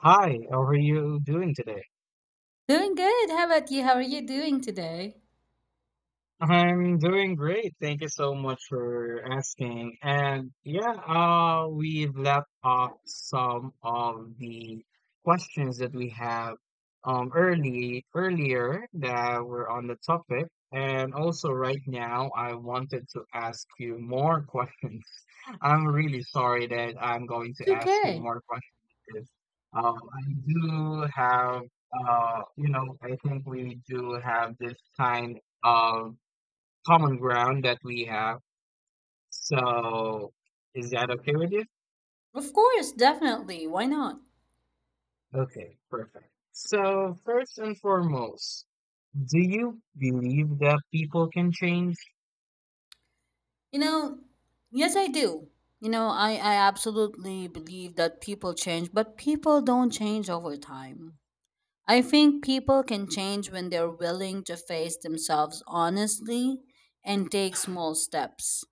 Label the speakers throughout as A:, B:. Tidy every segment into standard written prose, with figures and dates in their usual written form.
A: Hi, how are you doing today?
B: Doing good. How about you? How are you doing today?
A: I'm doing great. Thank you so much for asking. And yeah, we've left off some of the questions that we have early earlier that were on the topic. And also right now, I wanted to ask you more questions. I'm really sorry that I'm going
B: It's
A: to ask you
B: okay.
A: more questions because I do have, I think we do have this kind of common ground that we have. So, is that okay with you?
B: Of course, definitely. Why not?
A: Okay, perfect. So, first and foremost, do you believe that people can change?
B: You know, yes, I do. You know, I absolutely believe that people change, but people don't change over time. I think people can change when they're willing to face themselves honestly and take small steps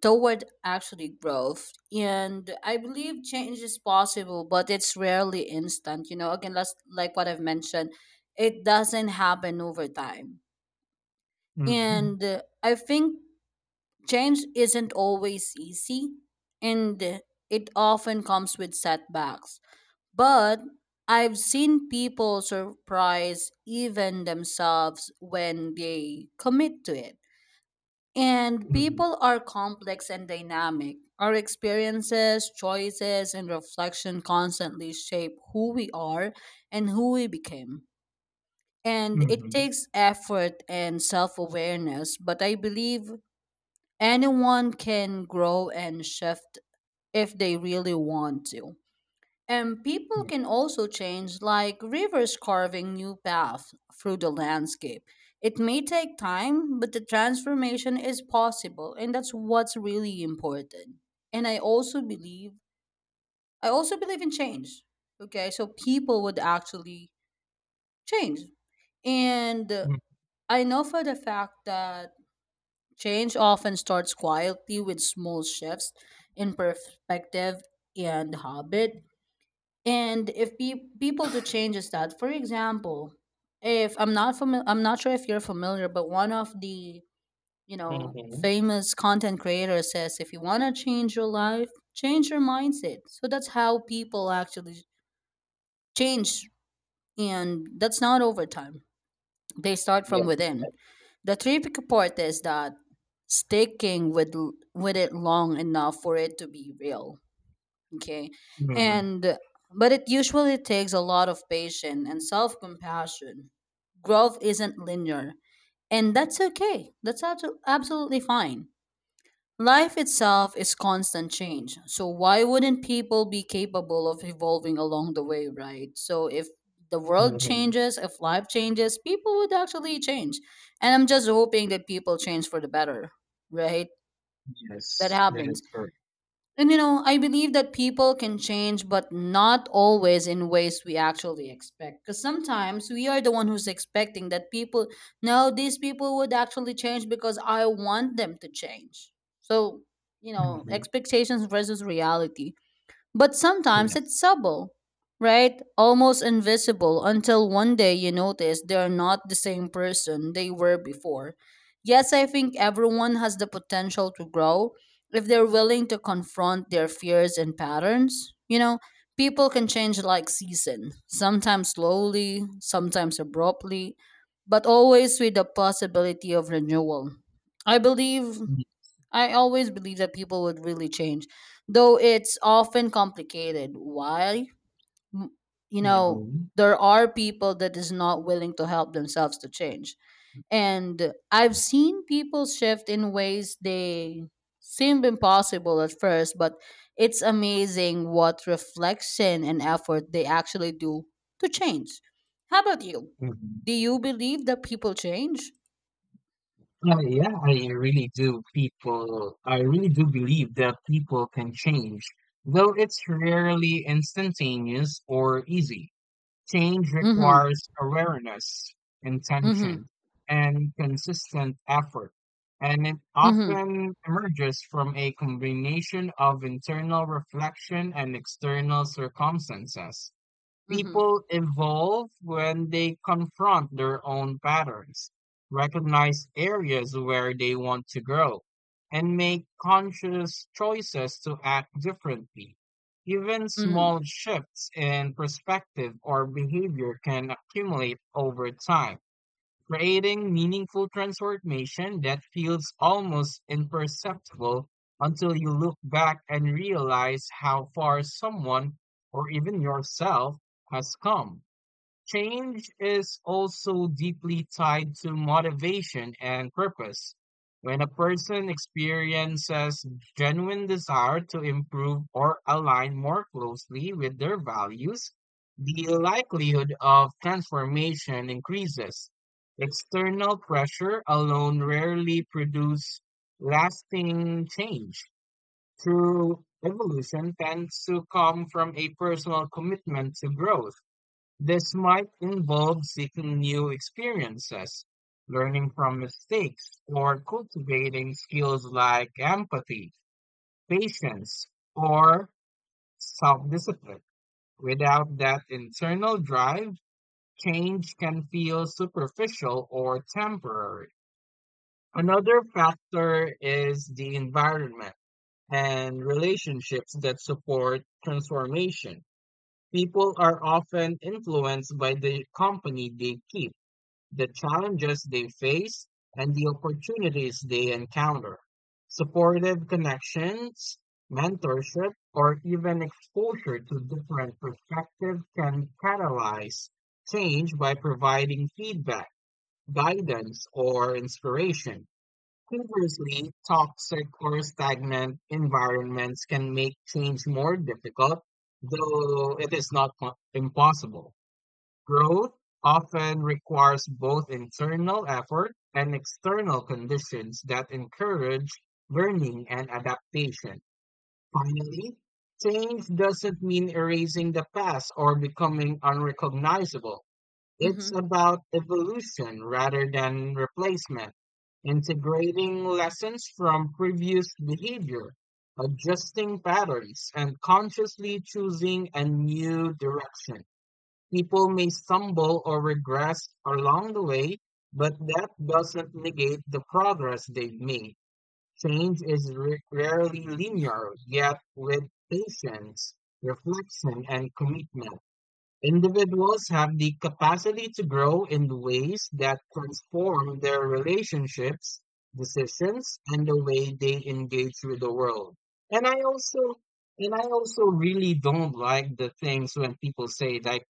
B: toward actually growth. And I believe change is possible, but it's rarely instant. You know, again, last, like what I've mentioned, it doesn't happen over time.
A: Mm-hmm,
B: And I think change isn't always easy, and it often comes with setbacks. But I've seen people surprise even themselves when they commit to it, and
A: mm-hmm,
B: people are complex and dynamic. Our experiences, choices, and reflection constantly shape who we are and who we became. And it
A: mm-hmm,
B: takes effort and self awareness, but I believe anyone can grow and shift if they really want to. And people can also change, like rivers carving new paths through the landscape. It may take time, but the transformation is possible, and that's what's really important. And I also believe in change. Okay, so people would actually change. And
A: mm-hmm,
B: I know for the fact that change often starts quietly with small shifts in perspective and habit. And if people do changes, that, for example, if I'm not sure if you're familiar, but one of the, you know,
A: mm-hmm.
B: famous content creators says, if you want to change your life, change your mindset. So that's how people actually change, and that's not over time. They start from
A: Yes.
B: within. The tricky part is that sticking with it long enough for it to be real. Okay.
A: Mm-hmm.
B: And but it usually takes a lot of patience and self-compassion. Growth isn't linear, and that's okay. That's absolutely fine. Life itself is constant change. So why wouldn't people be capable of evolving along the way, right? So if the world
A: Mm-hmm.
B: changes, if life changes, people would actually change. And I'm just hoping that people change for the better, right? That
A: Yes, that is
B: happens.
A: correct.
B: And you know, I believe that people can change, but not always in ways we actually expect. Because sometimes we are the one who's expecting that people, no, these people would actually change because I want them to change. So, you know,
A: Mhm,
B: expectations versus reality. But sometimes it's
A: yes.
B: subtle, right? Almost invisible until one day you notice they're not the same person they were before. Yes, I think everyone has the potential to grow if they're willing to confront their fears and patterns. You know, people can change like season, sometimes slowly, sometimes abruptly, but always with the possibility of renewal. I believe
A: Mm,
B: I always believe that people would really change, though it's often complicated. Why? M- You know,
A: mhm,
B: there are people that is not willing to help themselves to change. And I've seen people shift in ways they seemed impossible at first, but it's amazing what reflection and effort they actually do to change. How about you?
A: mhm.
B: Do you believe that people change?
A: Oh, yeah, I really do. I really do believe that people can change, though it's rarely instantaneous or easy. Change
B: Mm-hmm.
A: requires awareness,
B: Mm-hmm.
A: intention, and consistent effort, and it
B: Mm-hmm.
A: often emerges from a combination of internal reflection and external circumstances.
B: Mm-hmm.
A: People evolve when they confront their own patterns, recognize areas where they want to grow, and make conscious choices to act differently. Even
B: Mm-hmm.
A: small shifts in perspective or behavior can accumulate over time, creating meaningful transformation that feels almost imperceptible until you look back and realize how far someone, or even yourself, has come. Change is also deeply tied to motivation and purpose. When a person experiences genuine desire to improve or align more closely with their values, the likelihood of transformation increases. External pressure alone rarely produces lasting change. True evolution tends to come from a personal commitment to growth. This might involve seeking new experiences, learning from mistakes, or cultivating skills like empathy, patience, or self-discipline. Without that internal drive, change can feel superficial or temporary. Another factor is the environment and relationships that support transformation. People are often influenced by the company they keep, the challenges they face, and the opportunities they encounter. Supportive connections, mentorship, or even exposure to different perspectives can catalyze change by providing feedback, guidance, or inspiration. Conversely, toxic or stagnant environments can make change more difficult, though it is not po- impossible. Growth often requires both internal effort and external conditions that encourage learning and adaptation. Finally, change doesn't mean erasing the past or becoming unrecognizable. It's
B: Mm-hmm.
A: about evolution rather than replacement, integrating lessons from previous behavior, adjusting patterns, and consciously choosing a new direction. People may stumble or regress along the way, but that doesn't negate the progress they've made. Change is rarely linear, yet with patience, reflection, and commitment, individuals have the capacity to grow in ways that transform their relationships, decisions, and the way they engage with the world. And I also and I also really don't like the things when people say like,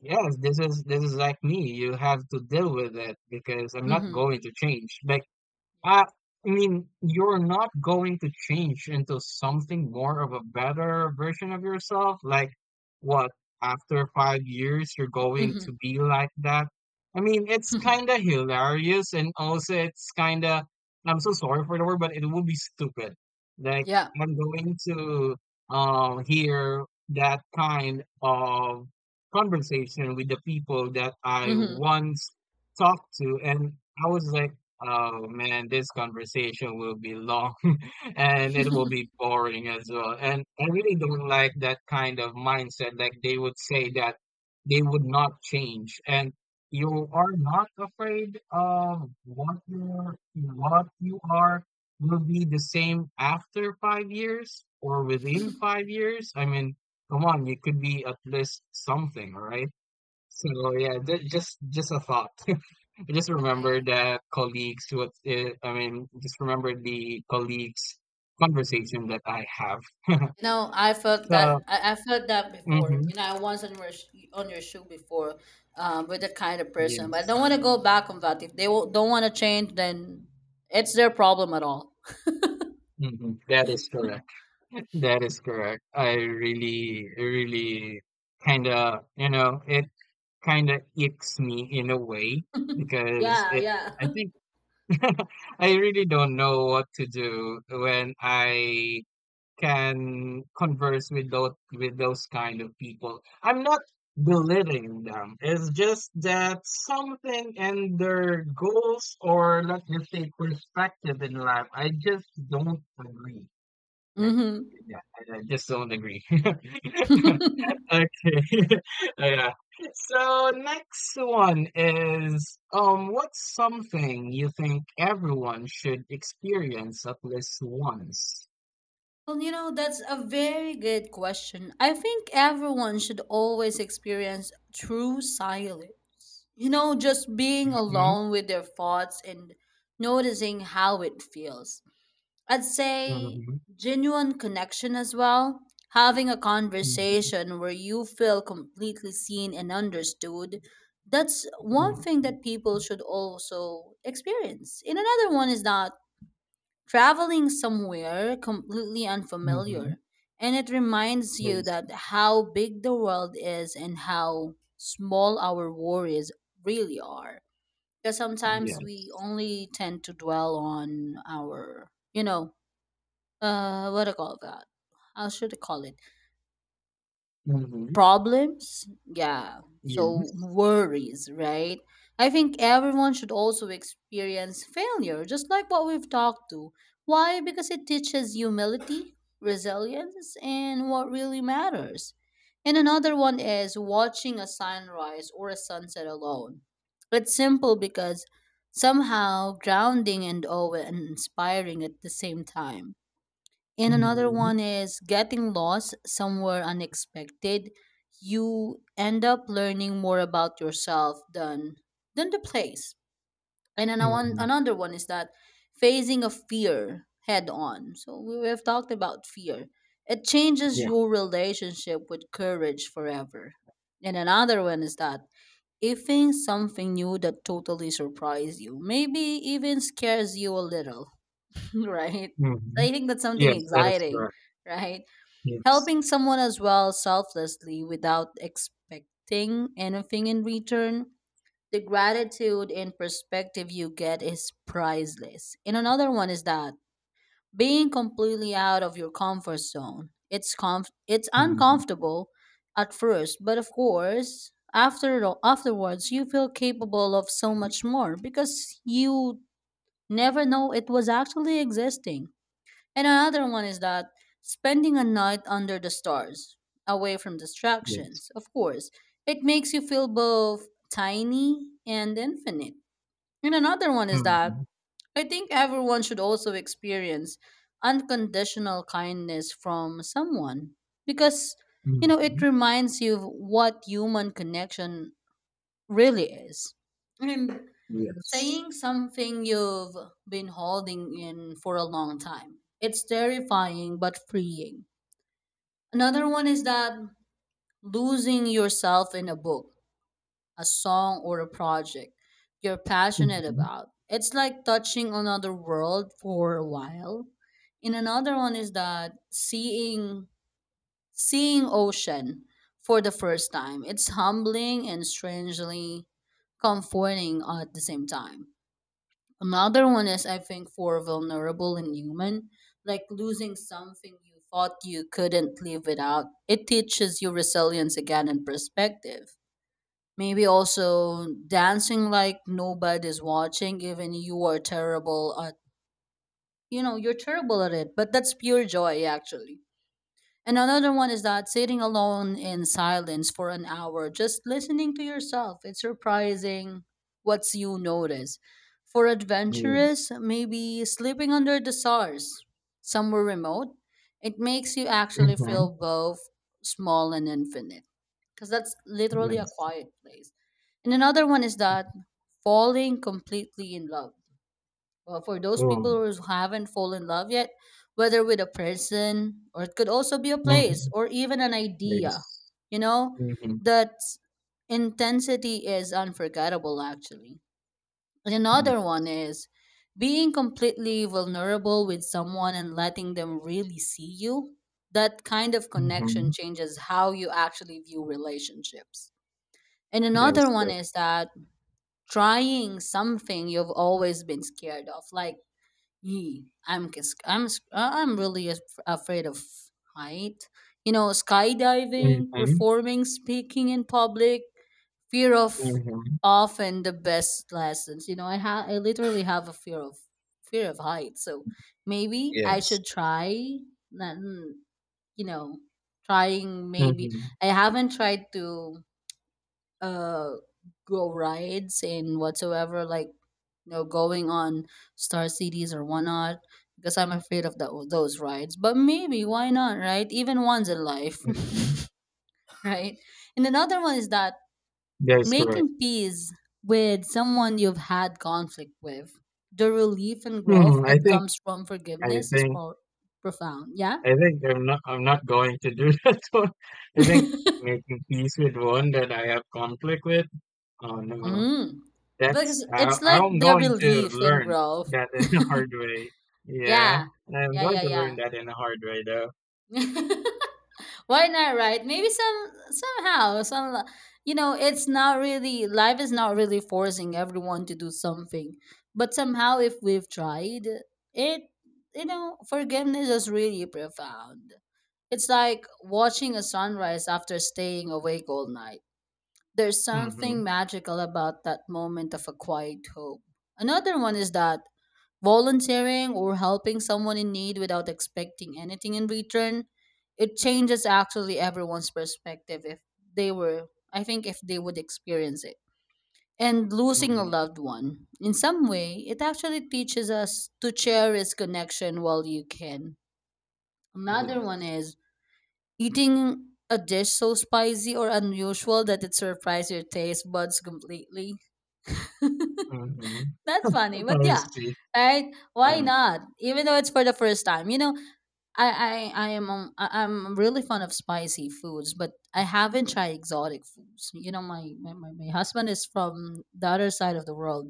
A: yes, this is like me. You have to deal with it because I'm not
B: Mhm.
A: going to change. Like,
B: Yeah.
A: uh, I mean, you're not going to change into something more of a better version of yourself. Like, what, after 5 years, you're going to
B: Mhm.
A: be like that? I mean, it's kind of hilarious, and also it's kind of, I'm so sorry for the word, but it would be stupid. Like,
B: Yeah.
A: I'm going to hear that kind of conversation with the people that I
B: Mhm.
A: once talked to, and I was like, oh man, this conversation will be long and it will be boring as well. And I really don't like that kind of mindset. Like, they would say that they would not change. And you are not afraid of what you are will be the same after 5 years or within 5 years. I mean, come on, you could be at least something, all right? So yeah, just a thought. I just
B: Yeah,
A: remember
B: yeah.
A: that colleagues. I mean just remember the colleagues conversation that I have.
B: You know, I felt
A: So,
B: that I felt that before.
A: hmm,
B: You know, I once on your on your shoe before, with that kind of person. But I
A: yes.
B: don't want to go back on that. If they don't want to change, then it's their problem at all.
A: Hmm, that is correct. That is correct. I really kinda, you know, it kinda icks me in a way because
B: Yeah,
A: it,
B: yeah.
A: I think, I really don't know what to do when I can converse with those kind of people. I'm not belittling them. It's just that something in their goals, or let's just say perspective in life, I just don't agree. Like,
B: Mm-hmm.
A: yeah, I just don't agree. Okay. Yeah. So next one is, what's something you think everyone should experience at least once?
B: Well, you know, that's a very good question. I think everyone should always experience true silence. You know, just being
A: Mm-hmm.
B: alone with their thoughts and noticing how it feels. I'd say
A: Mm-hmm.
B: genuine connection as well. Having a
A: Mhm,
B: conversation where you feel completely seen and understood. That's
A: mhm,
B: one thing that people should also experience. And another one is that traveling somewhere completely
A: mhm.
B: unfamiliar. And it reminds you
A: Yes,
B: that how big the world is and how small our worries really are, because sometimes we
A: yes.
B: only tend to dwell on our, you know, what do you call that, how should I call it,
A: Mhm,
B: problems, yeah, so
A: yes.
B: worries, right? I think everyone should also experience failure, just like what we've talked to. Why? Because it teaches humility, resilience, and what really matters. And another one is watching a sunrise or a sunset alone. It's simple because somehow grounding and awe and inspiring at the same time. And another
A: Mhm,
B: one is getting lost somewhere unexpected. You end up learning more about yourself than the place. And then
A: mhm.
B: another one is that facing a fear head on. So we have talked about fear. It changes
A: Yeah.
B: your relationship with courage forever. And another one is that if something new that totally surprised you, maybe even scares you a little. Right? So
A: Mhm.
B: I think that's something
A: Yes, that is
B: exciting,
A: correct.
B: right?
A: Yes.
B: Helping someone as well selflessly without expecting anything in return. The gratitude and perspective you get is priceless. And another one is that being completely out of your comfort zone. It's
A: Mhm,
B: uncomfortable at first, but of course, afterwards you feel capable of so
A: mhm.
B: much more because you never know it was actually existing. And another one is that spending a night under the stars, away from
A: Yes.
B: distractions, of course. It makes you feel both tiny and infinite. And another one is that
A: Mhm,
B: I think everyone should also experience unconditional kindness from someone, because you know it
A: mhm.
B: reminds you of what human connection really is. And
A: Yes.
B: saying something you've been holding in for a long time. It's terrifying but freeing. Another one is that losing yourself in a book, a song, or a project you're passionate
A: Mhm,
B: about. It's like touching another world for a while. And another one is that Seeing ocean for the first time, it's humbling and strangely comforting at the same time. Another one is, I think, for vulnerable and human, like losing something you thought you couldn't live without. It teaches you resilience again and perspective. Maybe also dancing like nobody's watching, even you are terrible at, you know, you're terrible at it, but that's pure joy actually. And another one is that sitting alone in silence for an hour, just listening to yourself. It's surprising what's you notice. For adventurous,
A: yes.
B: maybe sleeping under the stars, somewhere remote. It makes you actually
A: Mhm,
B: feel both small and infinite. Because that's literally a
A: yes.
B: quiet place. And another one is that falling completely in love, well, for those
A: Oh.
B: people who haven't fallen in love yet, whether with a person, or it could also be a place
A: Mhm,
B: or even an idea,
A: yes.
B: you know,
A: Mhm,
B: that intensity is unforgettable actually. And another one
A: yes.
B: is being completely vulnerable with someone and letting them really see you. That kind of connection
A: Mhm,
B: changes how you actually view relationships. And
A: that is
B: another one
A: correct.
B: is that trying something you've always been scared of, like, Yee, I'm c- I'm sc- I'm really af- afraid of height. You know, skydiving,
A: Mhm,
B: performing, speaking in public, fear of
A: mhm.
B: often the best lessons. You know, I literally have a fear of height. So maybe I
A: Yes.
B: should try. Then, you know, trying maybe
A: Mhm,
B: I haven't tried to uh go rides and whatsoever, like, you know, going on star cities or whatnot, because I'm afraid of those rides, but maybe why not, right, even once in life.
A: mhm.
B: Right? And another one is that
A: That is correct.
B: making peace with someone you've had conflict with. The relief and growth
A: Hmm,
B: that comes from
A: I
B: forgiveness is
A: think
B: profound. Yeah.
A: I think I'm not going to do that one. I think making peace with one that I have conflict with. Oh no,
B: Mm. Because it's like
A: I'm
B: the
A: going to
B: relief and
A: learn
B: growth.
A: that in a hard way. Yeah,
B: Yeah,
A: I'm
B: yeah,
A: going to learn
B: yeah,
A: that in a hard way though.
B: yeah. Why not, right? Maybe some somehow some, you know, it's not really life is not really forcing everyone to do something, but somehow if we've tried it, you know, forgiveness is really profound. It's like watching a sunrise after staying awake all night. There's
A: Mm-hmm.
B: something magical about that moment of a quiet hope. Another one is that volunteering or helping someone in need without expecting anything in return, it changes actually everyone's perspective if they were I think if they would experience it. And losing a
A: Mm-hmm.
B: loved one in some way, it actually teaches us to cherish connection while you can. Another one
A: Yes.
B: is eating a dish so spicy or unusual that it surprises your taste buds completely.
A: Mm-hmm.
B: That's funny, but
A: I
B: yeah,
A: see.
B: right, why
A: Yeah.
B: not, even though it's for the first time, you know. I'm really fond of spicy foods, but I haven't tried exotic foods. You know, my husband is from the other side of the world.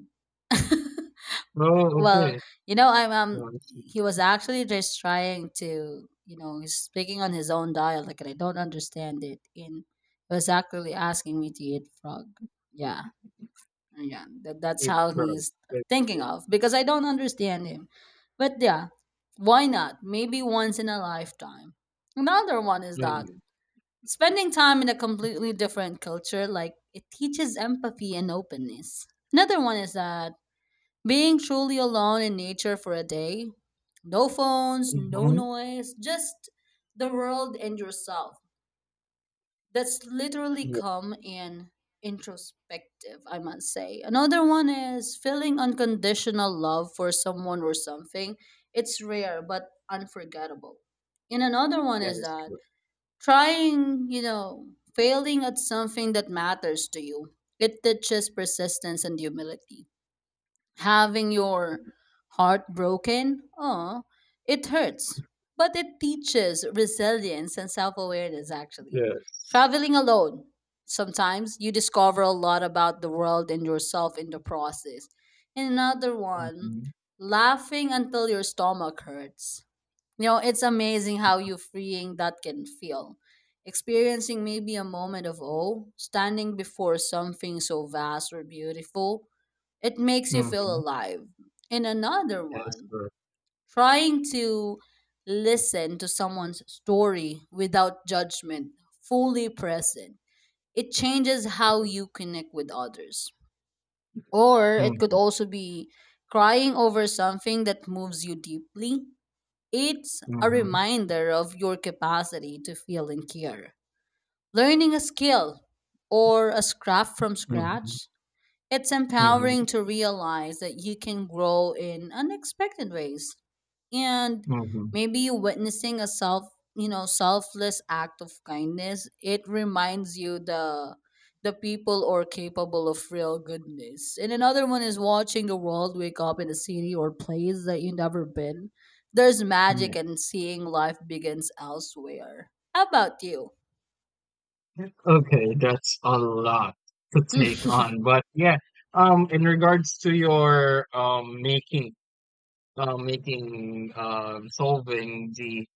A: Oh,
B: Well,
A: okay.
B: you know, I'm
A: Oh, I see.
B: he was actually just trying to, he's speaking on his own dialect, and I don't understand it. And he was actually asking me to eat frog. Yeah. Yeah, that's
A: Keep
B: how
A: growing.
B: he's thinking of because I don't understand him. But yeah, why not? Maybe once in a lifetime. Another one is that spending time in a completely different culture, like it teaches empathy and openness. Another one is that being truly alone in nature for a day, no phones, no
A: Mm-hmm.
B: noise, just the world and yourself, that's literally
A: Yeah,
B: calm and introspective, I must say. Another one is feeling unconditional love for someone or something. It's rare but unforgettable. And another one
A: that
B: is
A: is
B: that
A: good.
B: trying, failing at something that matters to you. It teaches persistence and humility, having your heart broken. Oh, it hurts, but it teaches resilience and self awareness, actually.
A: Yes.
B: Traveling alone, sometimes you discover a lot about the world and yourself in the process. And another one,
A: Mm-hmm.
B: laughing until your stomach hurts. You know, it's amazing how you freeing that can feel. Experiencing maybe a moment of awe, standing before something so vast or beautiful, it makes you feel
A: Mhm.
B: alive. And another
A: That's
B: one,
A: correct.
B: trying to listen to someone's story without judgment, fully present. It changes how
A: Yes.
B: you connect with others. Or it could
A: Mhm.
B: also be crying over something that moves you deeply. It's a
A: Mhm.
B: reminder of your capacity to feel and care. Learning a skill or a craft from
A: Mhm.
B: scratch, it's
A: Mhm.
B: empowering to realize that you can grow in unexpected ways. And
A: Mhm.
B: maybe witnessing a you know, selfless act of kindness, it reminds you the people are capable of real goodness. And another one is watching the world wake up in a city or place that you have never been. There's magic in
A: Yes.
B: seeing life begins elsewhere. How about you?
A: Okay, that's a lot to take on. But yeah, in regards to your making making solving the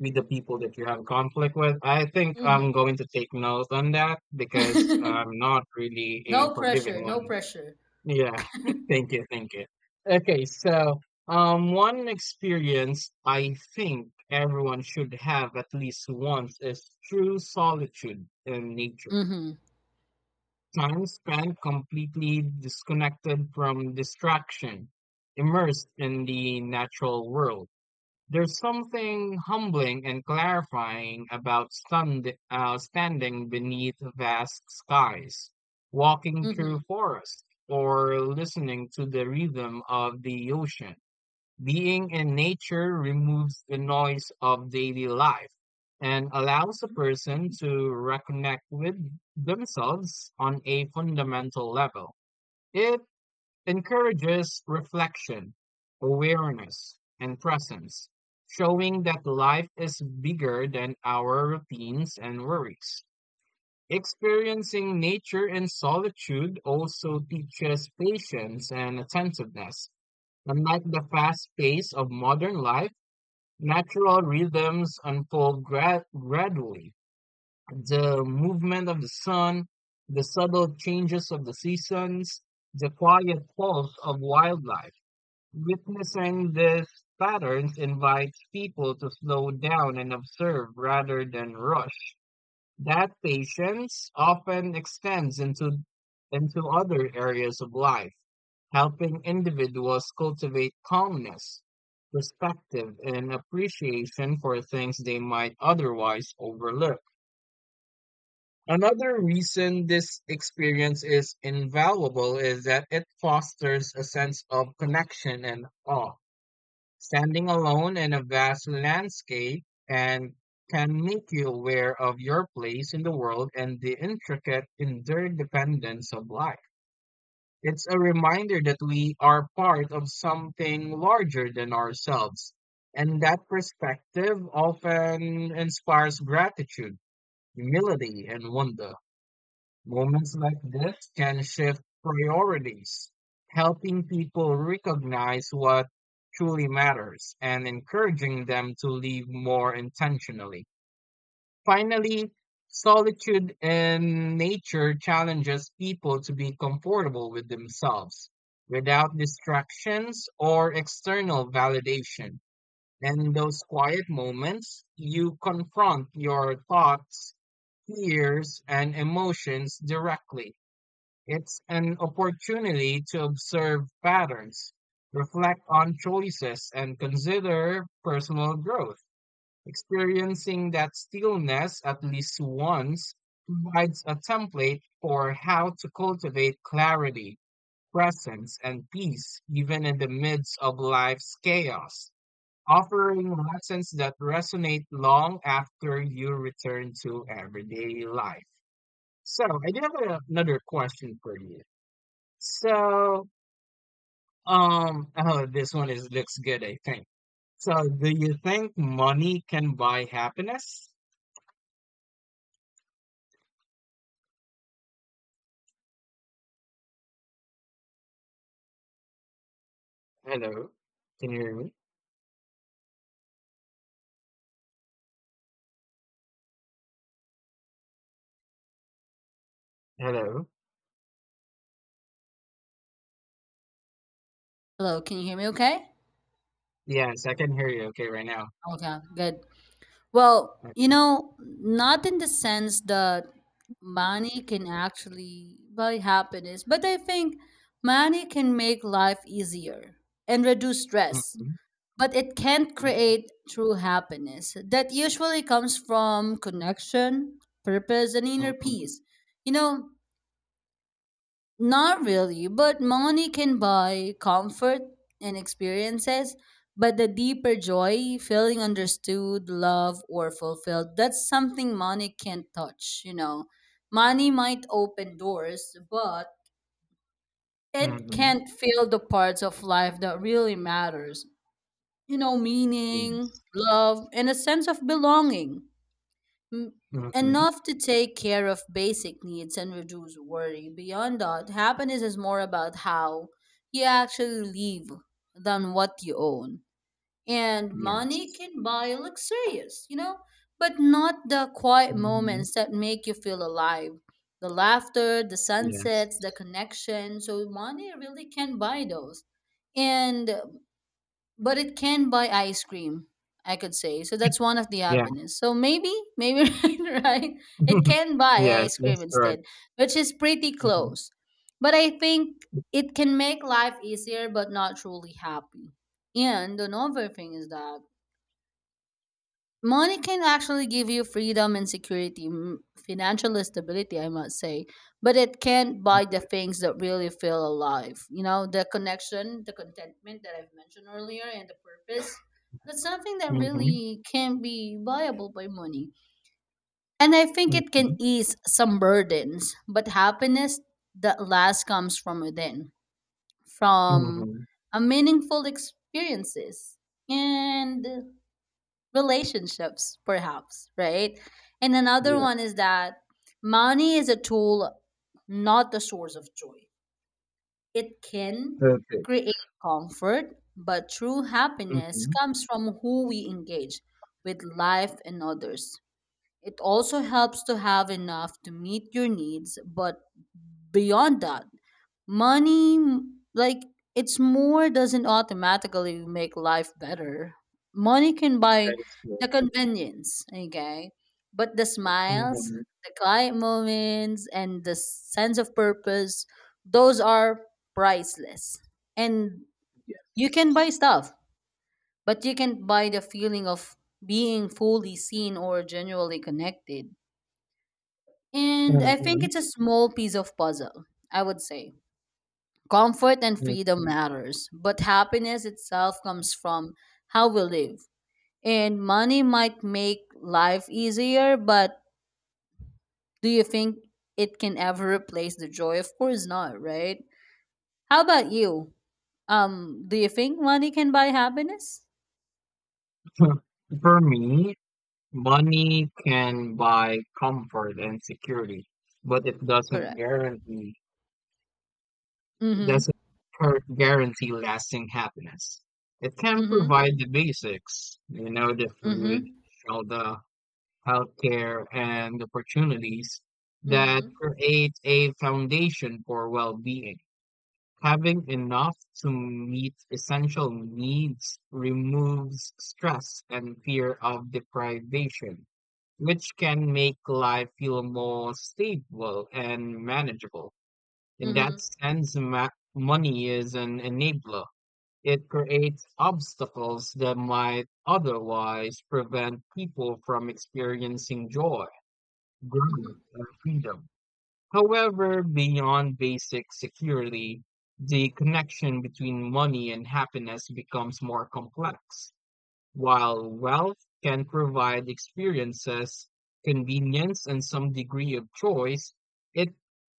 A: with the people that you have conflict with, I think I'm
B: Mhm.
A: going to take notes on that because I'm not really a
B: No
A: forgiving
B: pressure, no
A: one.
B: pressure.
A: Yeah, thank you. Okay, so, one experience I think everyone should have at least once is true solitude in nature.
B: Hmm.
A: Time spent completely disconnected from distraction, immersed in the natural world. There's something humbling and clarifying about standing beneath vast skies, walking through
B: Mhm.
A: forests, or listening to the rhythm of the ocean. Being in nature removes the noise of daily life and allows a person to reconnect with themselves on a fundamental level. It encourages reflection, awareness, and presence, showing that life is bigger than our routines and worries. Experiencing nature in solitude also teaches patience and attentiveness. Unlike the fast pace of modern life, natural rhythms unfold gradually. The movement of the sun, the subtle changes of the seasons, the quiet pulse of wildlife. Witnessing these patterns invites people to slow down and observe rather than rush. That patience often extends into other areas of life, helping individuals cultivate calmness, perspective, and appreciation for things they might otherwise overlook. Another reason this experience is invaluable is that it fosters a sense of connection and awe. Standing alone in a vast landscape and can make you aware of your place in the world and the intricate interdependence of life. It's a reminder that we are part of something larger than ourselves, and that perspective often inspires gratitude, humility, and wonder. Moments like this can shift priorities, helping people recognize what truly matters and encouraging them to live more intentionally. Finally, solitude in nature challenges people to be comfortable with themselves without distractions or external validation. And in those quiet moments, you confront your thoughts, fears, and emotions directly. It's an opportunity to observe patterns, reflect on choices, and consider personal growth. Experiencing that stillness at least once provides a template for how to cultivate clarity, presence, and peace, even in the midst of life's chaos, offering lessons that resonate long after you return to everyday life. So, I do have another question for you. So, oh, this one is looks good, I think. So, do you think money can buy happiness? Hello, can you hear me? Hello.
B: Hello, can you hear me okay?
A: Yes, I can hear you. Okay, right now.
B: Okay, good. Well, you
A: Okay.
B: know, not in the sense that money can actually buy happiness, but I think money can make life easier and reduce stress,
A: Mm-hmm,
B: but it can't
A: mm-hmm,
B: create true happiness. That usually comes from connection, purpose, and inner
A: mm-hmm,
B: peace. You know, not really, but money can buy comfort and experiences, but the deeper joy, feeling understood, loved, or fulfilled, that's something money can't touch, you know. Money might open doors, but it
A: mm-hmm.
B: can't fill the parts of life that really matters. You know, meaning,
A: Yes.
B: love, and a sense of belonging. M-
A: Mm-hmm.
B: Enough to take care of basic needs and reduce worry. Beyond that, happiness is more about how you actually live than what you own. And money
A: Yes.
B: can buy luxurious, you know, but not the quiet
A: Mm-hmm.
B: moments that make you feel alive. The laughter, the
A: Yes.
B: sunsets, the connection. So money really can buy those. And but it can buy ice cream, I could say, so that's one of the
A: Yeah.
B: happiness, so maybe maybe right. It can buy
A: Yes,
B: ice cream
A: that's correct.
B: instead, which is pretty
A: Mm-hmm.
B: close, but I think it can make life easier but not truly happy. And another thing is that money can actually give you freedom and security, financial stability, I must say, but it can't buy the
A: Mm-hmm.
B: things that really feel alive. You know, the connection, the contentment that I've mentioned earlier, and the purpose. That's something that
A: Mm-hmm.
B: really can be viable by money. And I think it
A: Mm-hmm.
B: can ease some burdens, but happiness that last comes from within, from
A: Mm-hmm.
B: a meaningful experiences. And relationships, perhaps, right? And another
A: Yeah.
B: one is that money is a tool, not the source of joy. It can
A: Perfect.
B: create comfort, but true happiness
A: Mm-hmm.
B: comes from who we engage with life and others. It also helps to have enough to meet your needs, but beyond that, money it's more doesn't automatically make life better. Money can buy
A: That is good.
B: the convenience, okay, but the smiles,
A: Mm-hmm.
B: the quiet moments, and the sense of purpose, those are priceless. And you can buy stuff, but you can't buy the feeling of being fully seen or genuinely connected. And I think
A: Mhm.
B: it's a small piece of puzzle, I would say. Comfort and
A: Yeah.
B: freedom matters, but happiness itself comes from how we live. And money might make life easier, but do you think it can ever replace the joy? Of course not, right? How about you? Do you think money can buy happiness?
A: For me, money can buy comfort and security, but it doesn't
B: Correct.
A: guarantee, it
B: Mm-hmm.
A: doesn't guarantee lasting happiness. It can
B: Mm-hmm.
A: provide the basics, you know, the food,
B: Mm-hmm.
A: shelter, healthcare, and opportunities that
B: Mm-hmm.
A: create a foundation for well-being. Having enough to meet essential needs removes stress and fear of deprivation, which can make life feel more stable and manageable. In that
B: Mm-hmm.
A: sense, money is an enabler. It creates obstacles that might otherwise prevent people from experiencing joy, growth,
B: Mm-hmm.
A: and freedom. However, beyond basic security, the connection between money and happiness becomes more complex. While wealth can provide experiences, convenience, and some degree of choice, it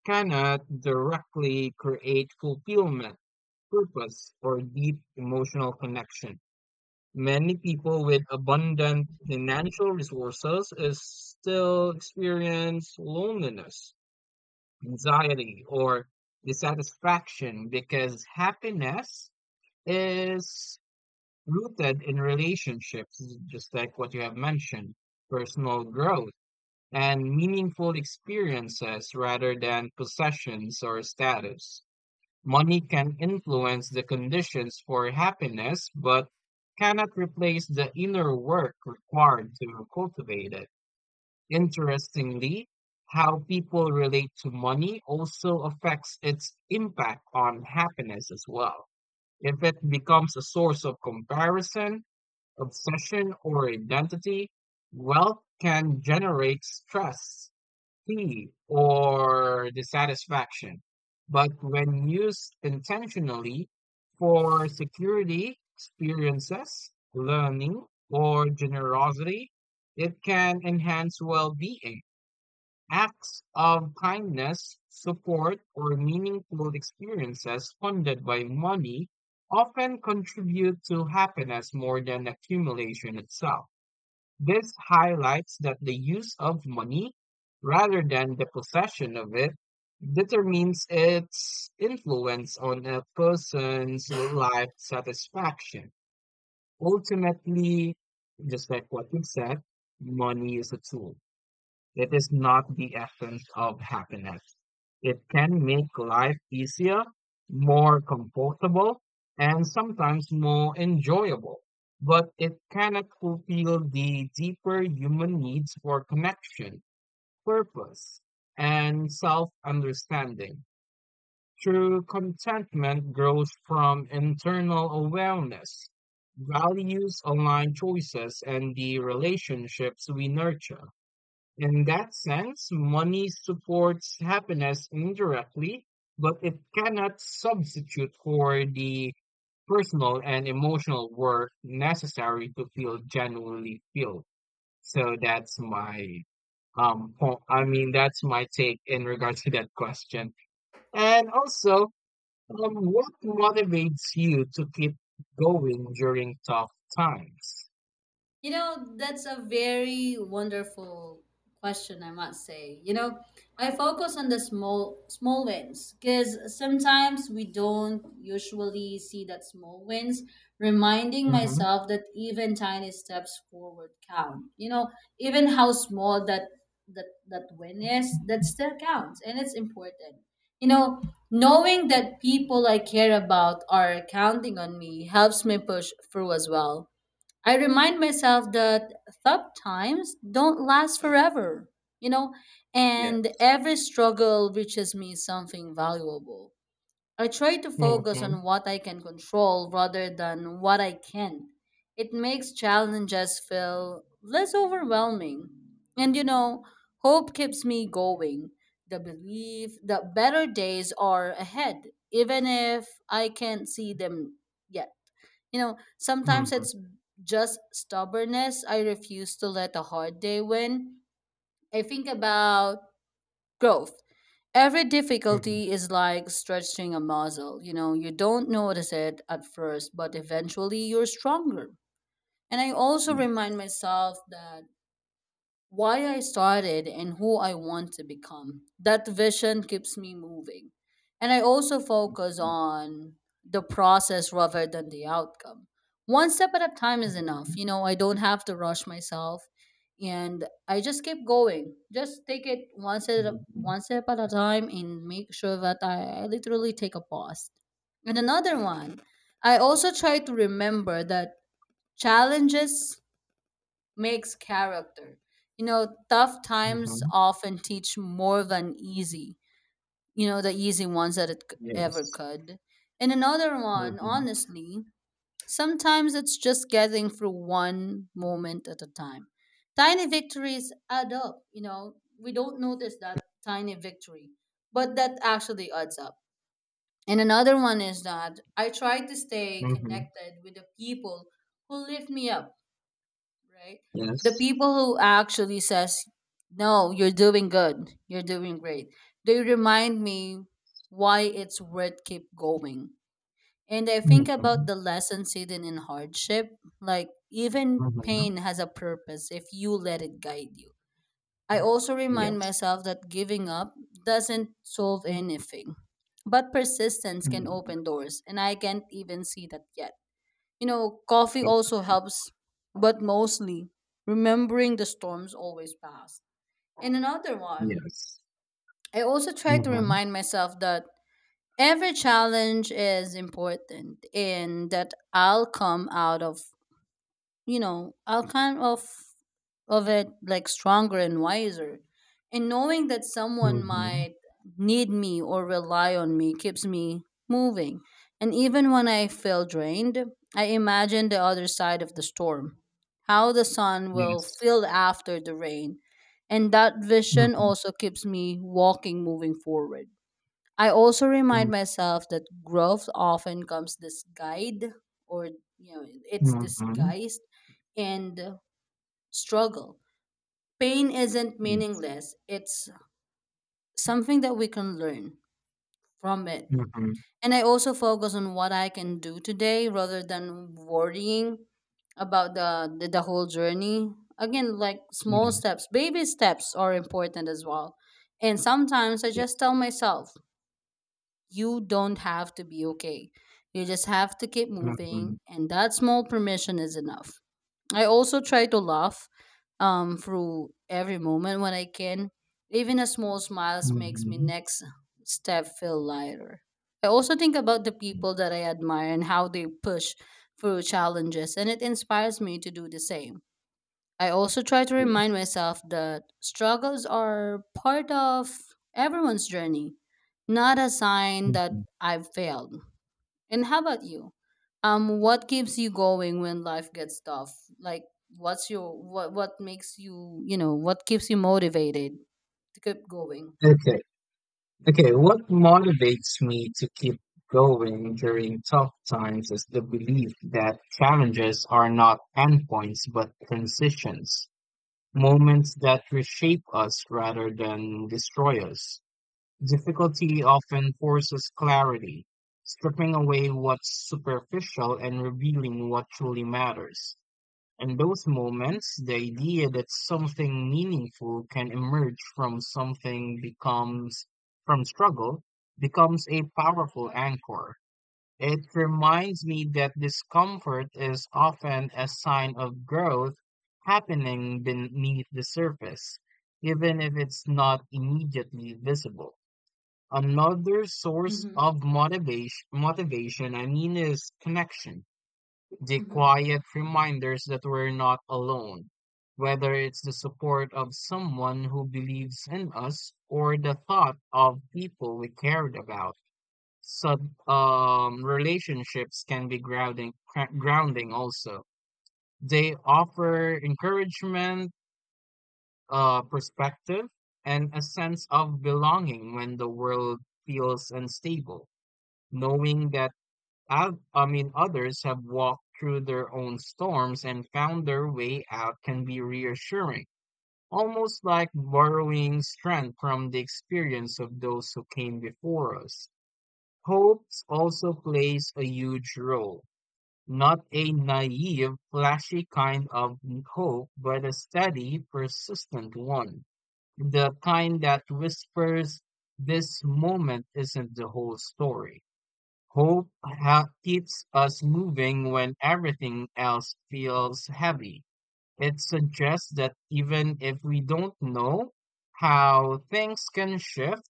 A: cannot directly create fulfillment, purpose, or deep emotional connection. Many people with abundant financial resources is still experience loneliness, anxiety, or dissatisfaction because happiness is rooted in relationships, just like what you have mentioned, personal growth and meaningful experiences rather than possessions or status. Money can influence the conditions for happiness, but cannot replace the inner work required to cultivate it. Interestingly, how people relate to money also affects its impact on happiness as well. If it becomes a source of comparison, obsession, or identity, wealth can generate stress, fatigue, or dissatisfaction. But when used intentionally for security, experiences, learning, or generosity, it can enhance well being. Acts of kindness, support, or meaningful experiences funded by money often contribute to happiness more than accumulation itself. This highlights that the use of money, rather than the possession of it, determines its influence on a person's life satisfaction. Ultimately, just like what you said, money is a tool. It is not the essence of happiness. It can make life easier, more comfortable, and sometimes more enjoyable, but it cannot fulfill the deeper human needs for connection, purpose, and self understanding. True contentment grows from internal awareness, values, online choices, and the relationships we nurture. In that sense, money supports happiness indirectly, but it cannot substitute for the personal and emotional work necessary to feel genuinely filled. So I mean, that's my take in regards to that question. And also, what motivates you to keep going during tough times?
B: You know, that's a very wonderful question, I must say. You know, I focus on the small wins because sometimes we don't usually see that small wins, reminding
A: Mm-hmm.
B: myself that even tiny steps forward count. You know, even how small that that win is, that still counts and it's important. You know, knowing that people I care about are counting on me helps me push through as well. I remind myself that tough times don't last forever, you know,
A: Yeah.
B: and every struggle reaches me something valuable. I try to focus
A: Mm-hmm.
B: on what I can control rather than what I can't. It makes challenges feel less overwhelming. And you know, hope keeps me going. The belief that better days are ahead, even if I can't see them yet. You know, sometimes
A: Mm-hmm.
B: it's just stubbornness. I refuse to let a hard day win. I think about growth. Every difficulty is like stretching a muscle. You know, you don't notice it at first, but eventually you're stronger. And I also
A: Mm-hmm.
B: remind myself that why I started and who I want to become. That vision keeps me moving. And I also focus on the process rather than the outcome. One step at a time is enough. You know, I don't have to rush myself and I just keep going. Just take it one step
A: Mhm.
B: one step at a time and make sure that I literally take a pause. And another one, I also try to remember that challenges makes character. You know, tough times
A: Mhm.
B: often teach more than easy, you know, the easy ones that it ever
A: Yes.
B: could. And another one,
A: Mhm.
B: honestly, sometimes it's just getting through one moment at a time. Tiny victories add up, you know, we don't notice that tiny victory, but that actually adds up. And another one is that I try to stay
A: Mhm.
B: connected with the people who lift me up, right? The
A: Yes.
B: people who actually says, "No, you're doing good. You're doing great." They remind me why it's worth keep going. And I think about
A: Mhm.
B: the lessons hidden in hardship, like even
A: Mhm.
B: pain has a purpose if you let it guide you. I also remind
A: Yes.
B: myself that giving up doesn't solve anything, but persistence can
A: Mhm.
B: open doors, and I can't even see that yet. You know, coffee also helps, but mostly remembering the storms always pass. And another one, I also try to remind myself that every challenge is important and that I'll come out of, you know, I'll kind of it like stronger and wiser. And knowing that someone
A: Mhm.
B: might need me or rely on me keeps me moving. And even when I feel drained, I imagine the other side of the storm, how the
A: Yes.
B: sun
A: Mhm. Mhm.
B: will
A: Yes.
B: feel after the rain. And that vision
A: Mhm.
B: also keeps me walking moving forward. I also remind
A: Mhm.
B: myself that growth often comes disguised, or you know it's
A: Mhm.
B: disguised, and struggle. Pain isn't
A: Yes.
B: meaningless. It's something that we can learn from it.
A: Mhm.
B: And I also focus on what I can do today rather than worrying about the whole journey. Again, like small
A: Mhm.
B: steps, baby steps are important as well. And sometimes I just
A: Yes.
B: tell myself you don't have to be okay. You just have to keep
A: Mhm.
B: moving, and that small permission is enough. I also try to laugh through every moment when I can. Even a small smile makes me next step feel lighter. I also think about the
A: Mhm.
B: people that I admire and how they push through challenges, and it inspires me to do the same. I also try to remind
A: Yes.
B: myself that struggles are part of everyone's journey, not a sign that
A: Mhm.
B: I've failed. And how about you? What keeps you going when life gets tough? Like, what's your what makes you, you know, what keeps you motivated to keep going?
A: Okay. Okay, what motivates me to keep going during tough times is the belief that challenges are not endpoints but transitions, moments that reshape us rather than destroy us. Difficulty often forces clarity, stripping away what's superficial and revealing what truly matters. In those moments, the idea that something meaningful can emerge from something becomes from struggle becomes a powerful anchor. It reminds me that discomfort is often a sign of growth happening beneath the surface, even if it's not immediately visible. Another source
B: Mm-hmm.
A: of motivation I mean is connection, the quiet reminders that we're not alone, whether it's the support of someone who believes in us or the thought of people we cared about. So, relationships can be grounding, grounding also. They offer encouragement, perspective, and a sense of belonging when the world feels unstable. Knowing that I mean, others have walked through their own storms and found their way out can be reassuring, almost like borrowing strength from the experience of those who came before us. Hope also plays a huge role, not a naive, flashy kind of hope, but a steady, persistent one, the kind that whispers, this moment isn't the whole story. Hope keeps us moving when everything else feels heavy. It suggests that even if we don't know how things can shift,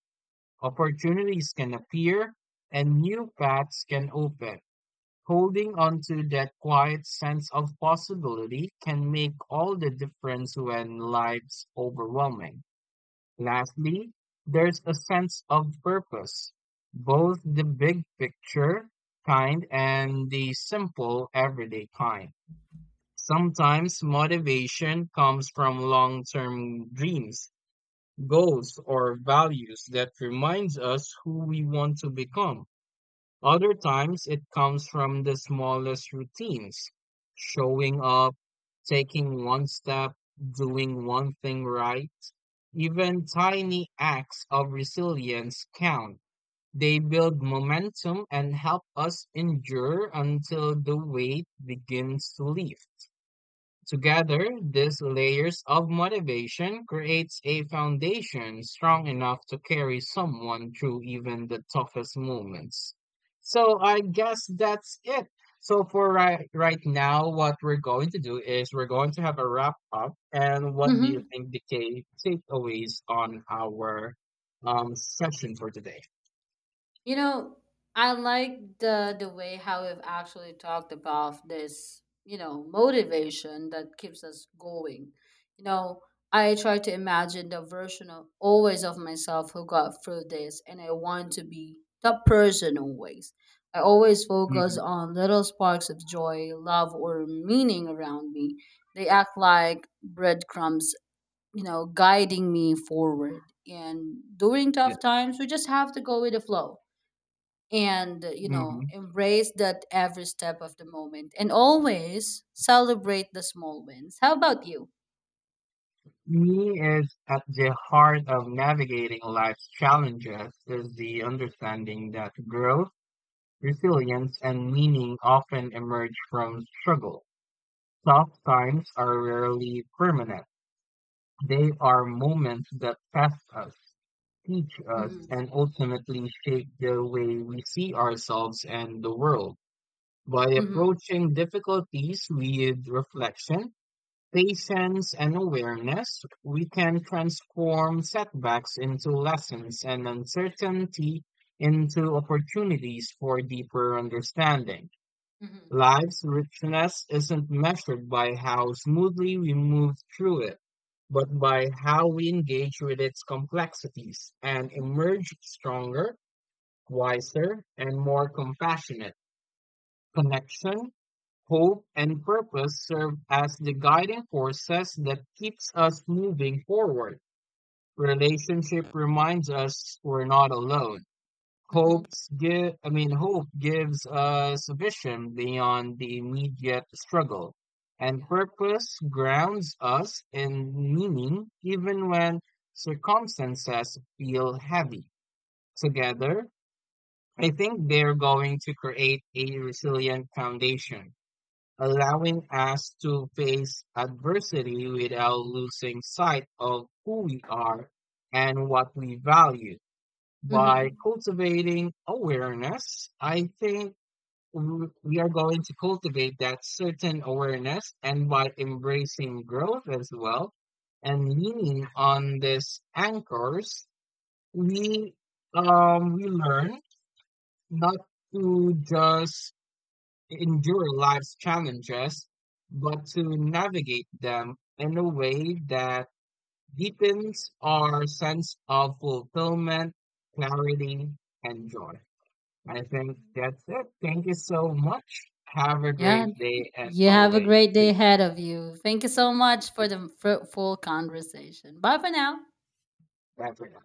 A: opportunities can appear, and new paths can open. Holding on to that quiet sense of possibility can make all the difference when life's overwhelming. Lastly, there's a sense of purpose. Both the big picture kind and the simple everyday kind. Sometimes motivation comes from long term dreams, goals, or values that reminds us who we want to become. Other times it comes from the smallest routines, showing up, taking one step, doing one thing right, even tiny acts of resilience count. They build momentum and help us endure until the weight begins to lift. Together, these layers of motivation creates a foundation strong enough to carry someone through even the toughest moments. So I guess that's it. So for right now, what we're going to do is we're going to have a wrap up. And what do you
B: Mm-hmm.
A: think the key takeaways on our session for today?
B: You know, I like the way how we've actually talked about this, you know, motivation that keeps us going. You know, I try to imagine the version of always of myself who got through this and I want to be that person always. I always focus
A: Hmm.
B: on little sparks of joy, love or meaning around me. They act like breadcrumbs, you know, guiding me forward. And during tough
A: Yes.
B: times, we just have to go with the flow and you know,
A: Mhm.
B: embrace that every step of the moment and always celebrate the small wins. How about you?
A: Me is at the heart of navigating life's challenges is the understanding that growth, resilience, and meaning often emerge from struggle. Tough times are rarely permanent. They are moments that test us, teach us,
B: Mm-hmm.
A: and ultimately shape the way we see ourselves and the world. By
B: Mm-hmm.
A: approaching difficulties with reflection, patience, and awareness, we can transform setbacks into lessons and uncertainty into opportunities for deeper understanding.
B: Mm-hmm.
A: Life's richness isn't measured by how smoothly we move through it, but by how we engage with its complexities and emerge stronger, wiser, and more compassionate. Connection, hope, and purpose serve as the guiding forces that keeps us moving forward. Relationship reminds us we're not alone.
B: Mm-hmm.
A: Hopes give, I mean, hope gives us vision beyond the immediate struggle. And
B: Yeah.
A: purpose grounds us in meaning even when circumstances feel heavy. Together, I think they're going to create a resilient foundation allowing us to face adversity without losing sight of who we are and what we value. By
B: Mm-hmm.
A: cultivating awareness, I think we are going to cultivate that certain awareness, and by embracing growth as well and leaning on these anchors, we we learn not to just to endure life's challenges, but to navigate them in a way that deepens our sense of fulfillment, clarity, and joy. I think that's it. Thank you so much. Have a
B: Yeah,
A: great day and
B: you have a
A: always
B: great day
A: stay
B: ahead of you. Thank you so much for
A: safe.
B: the fruitful conversation. Bye for now.
A: Bye for now.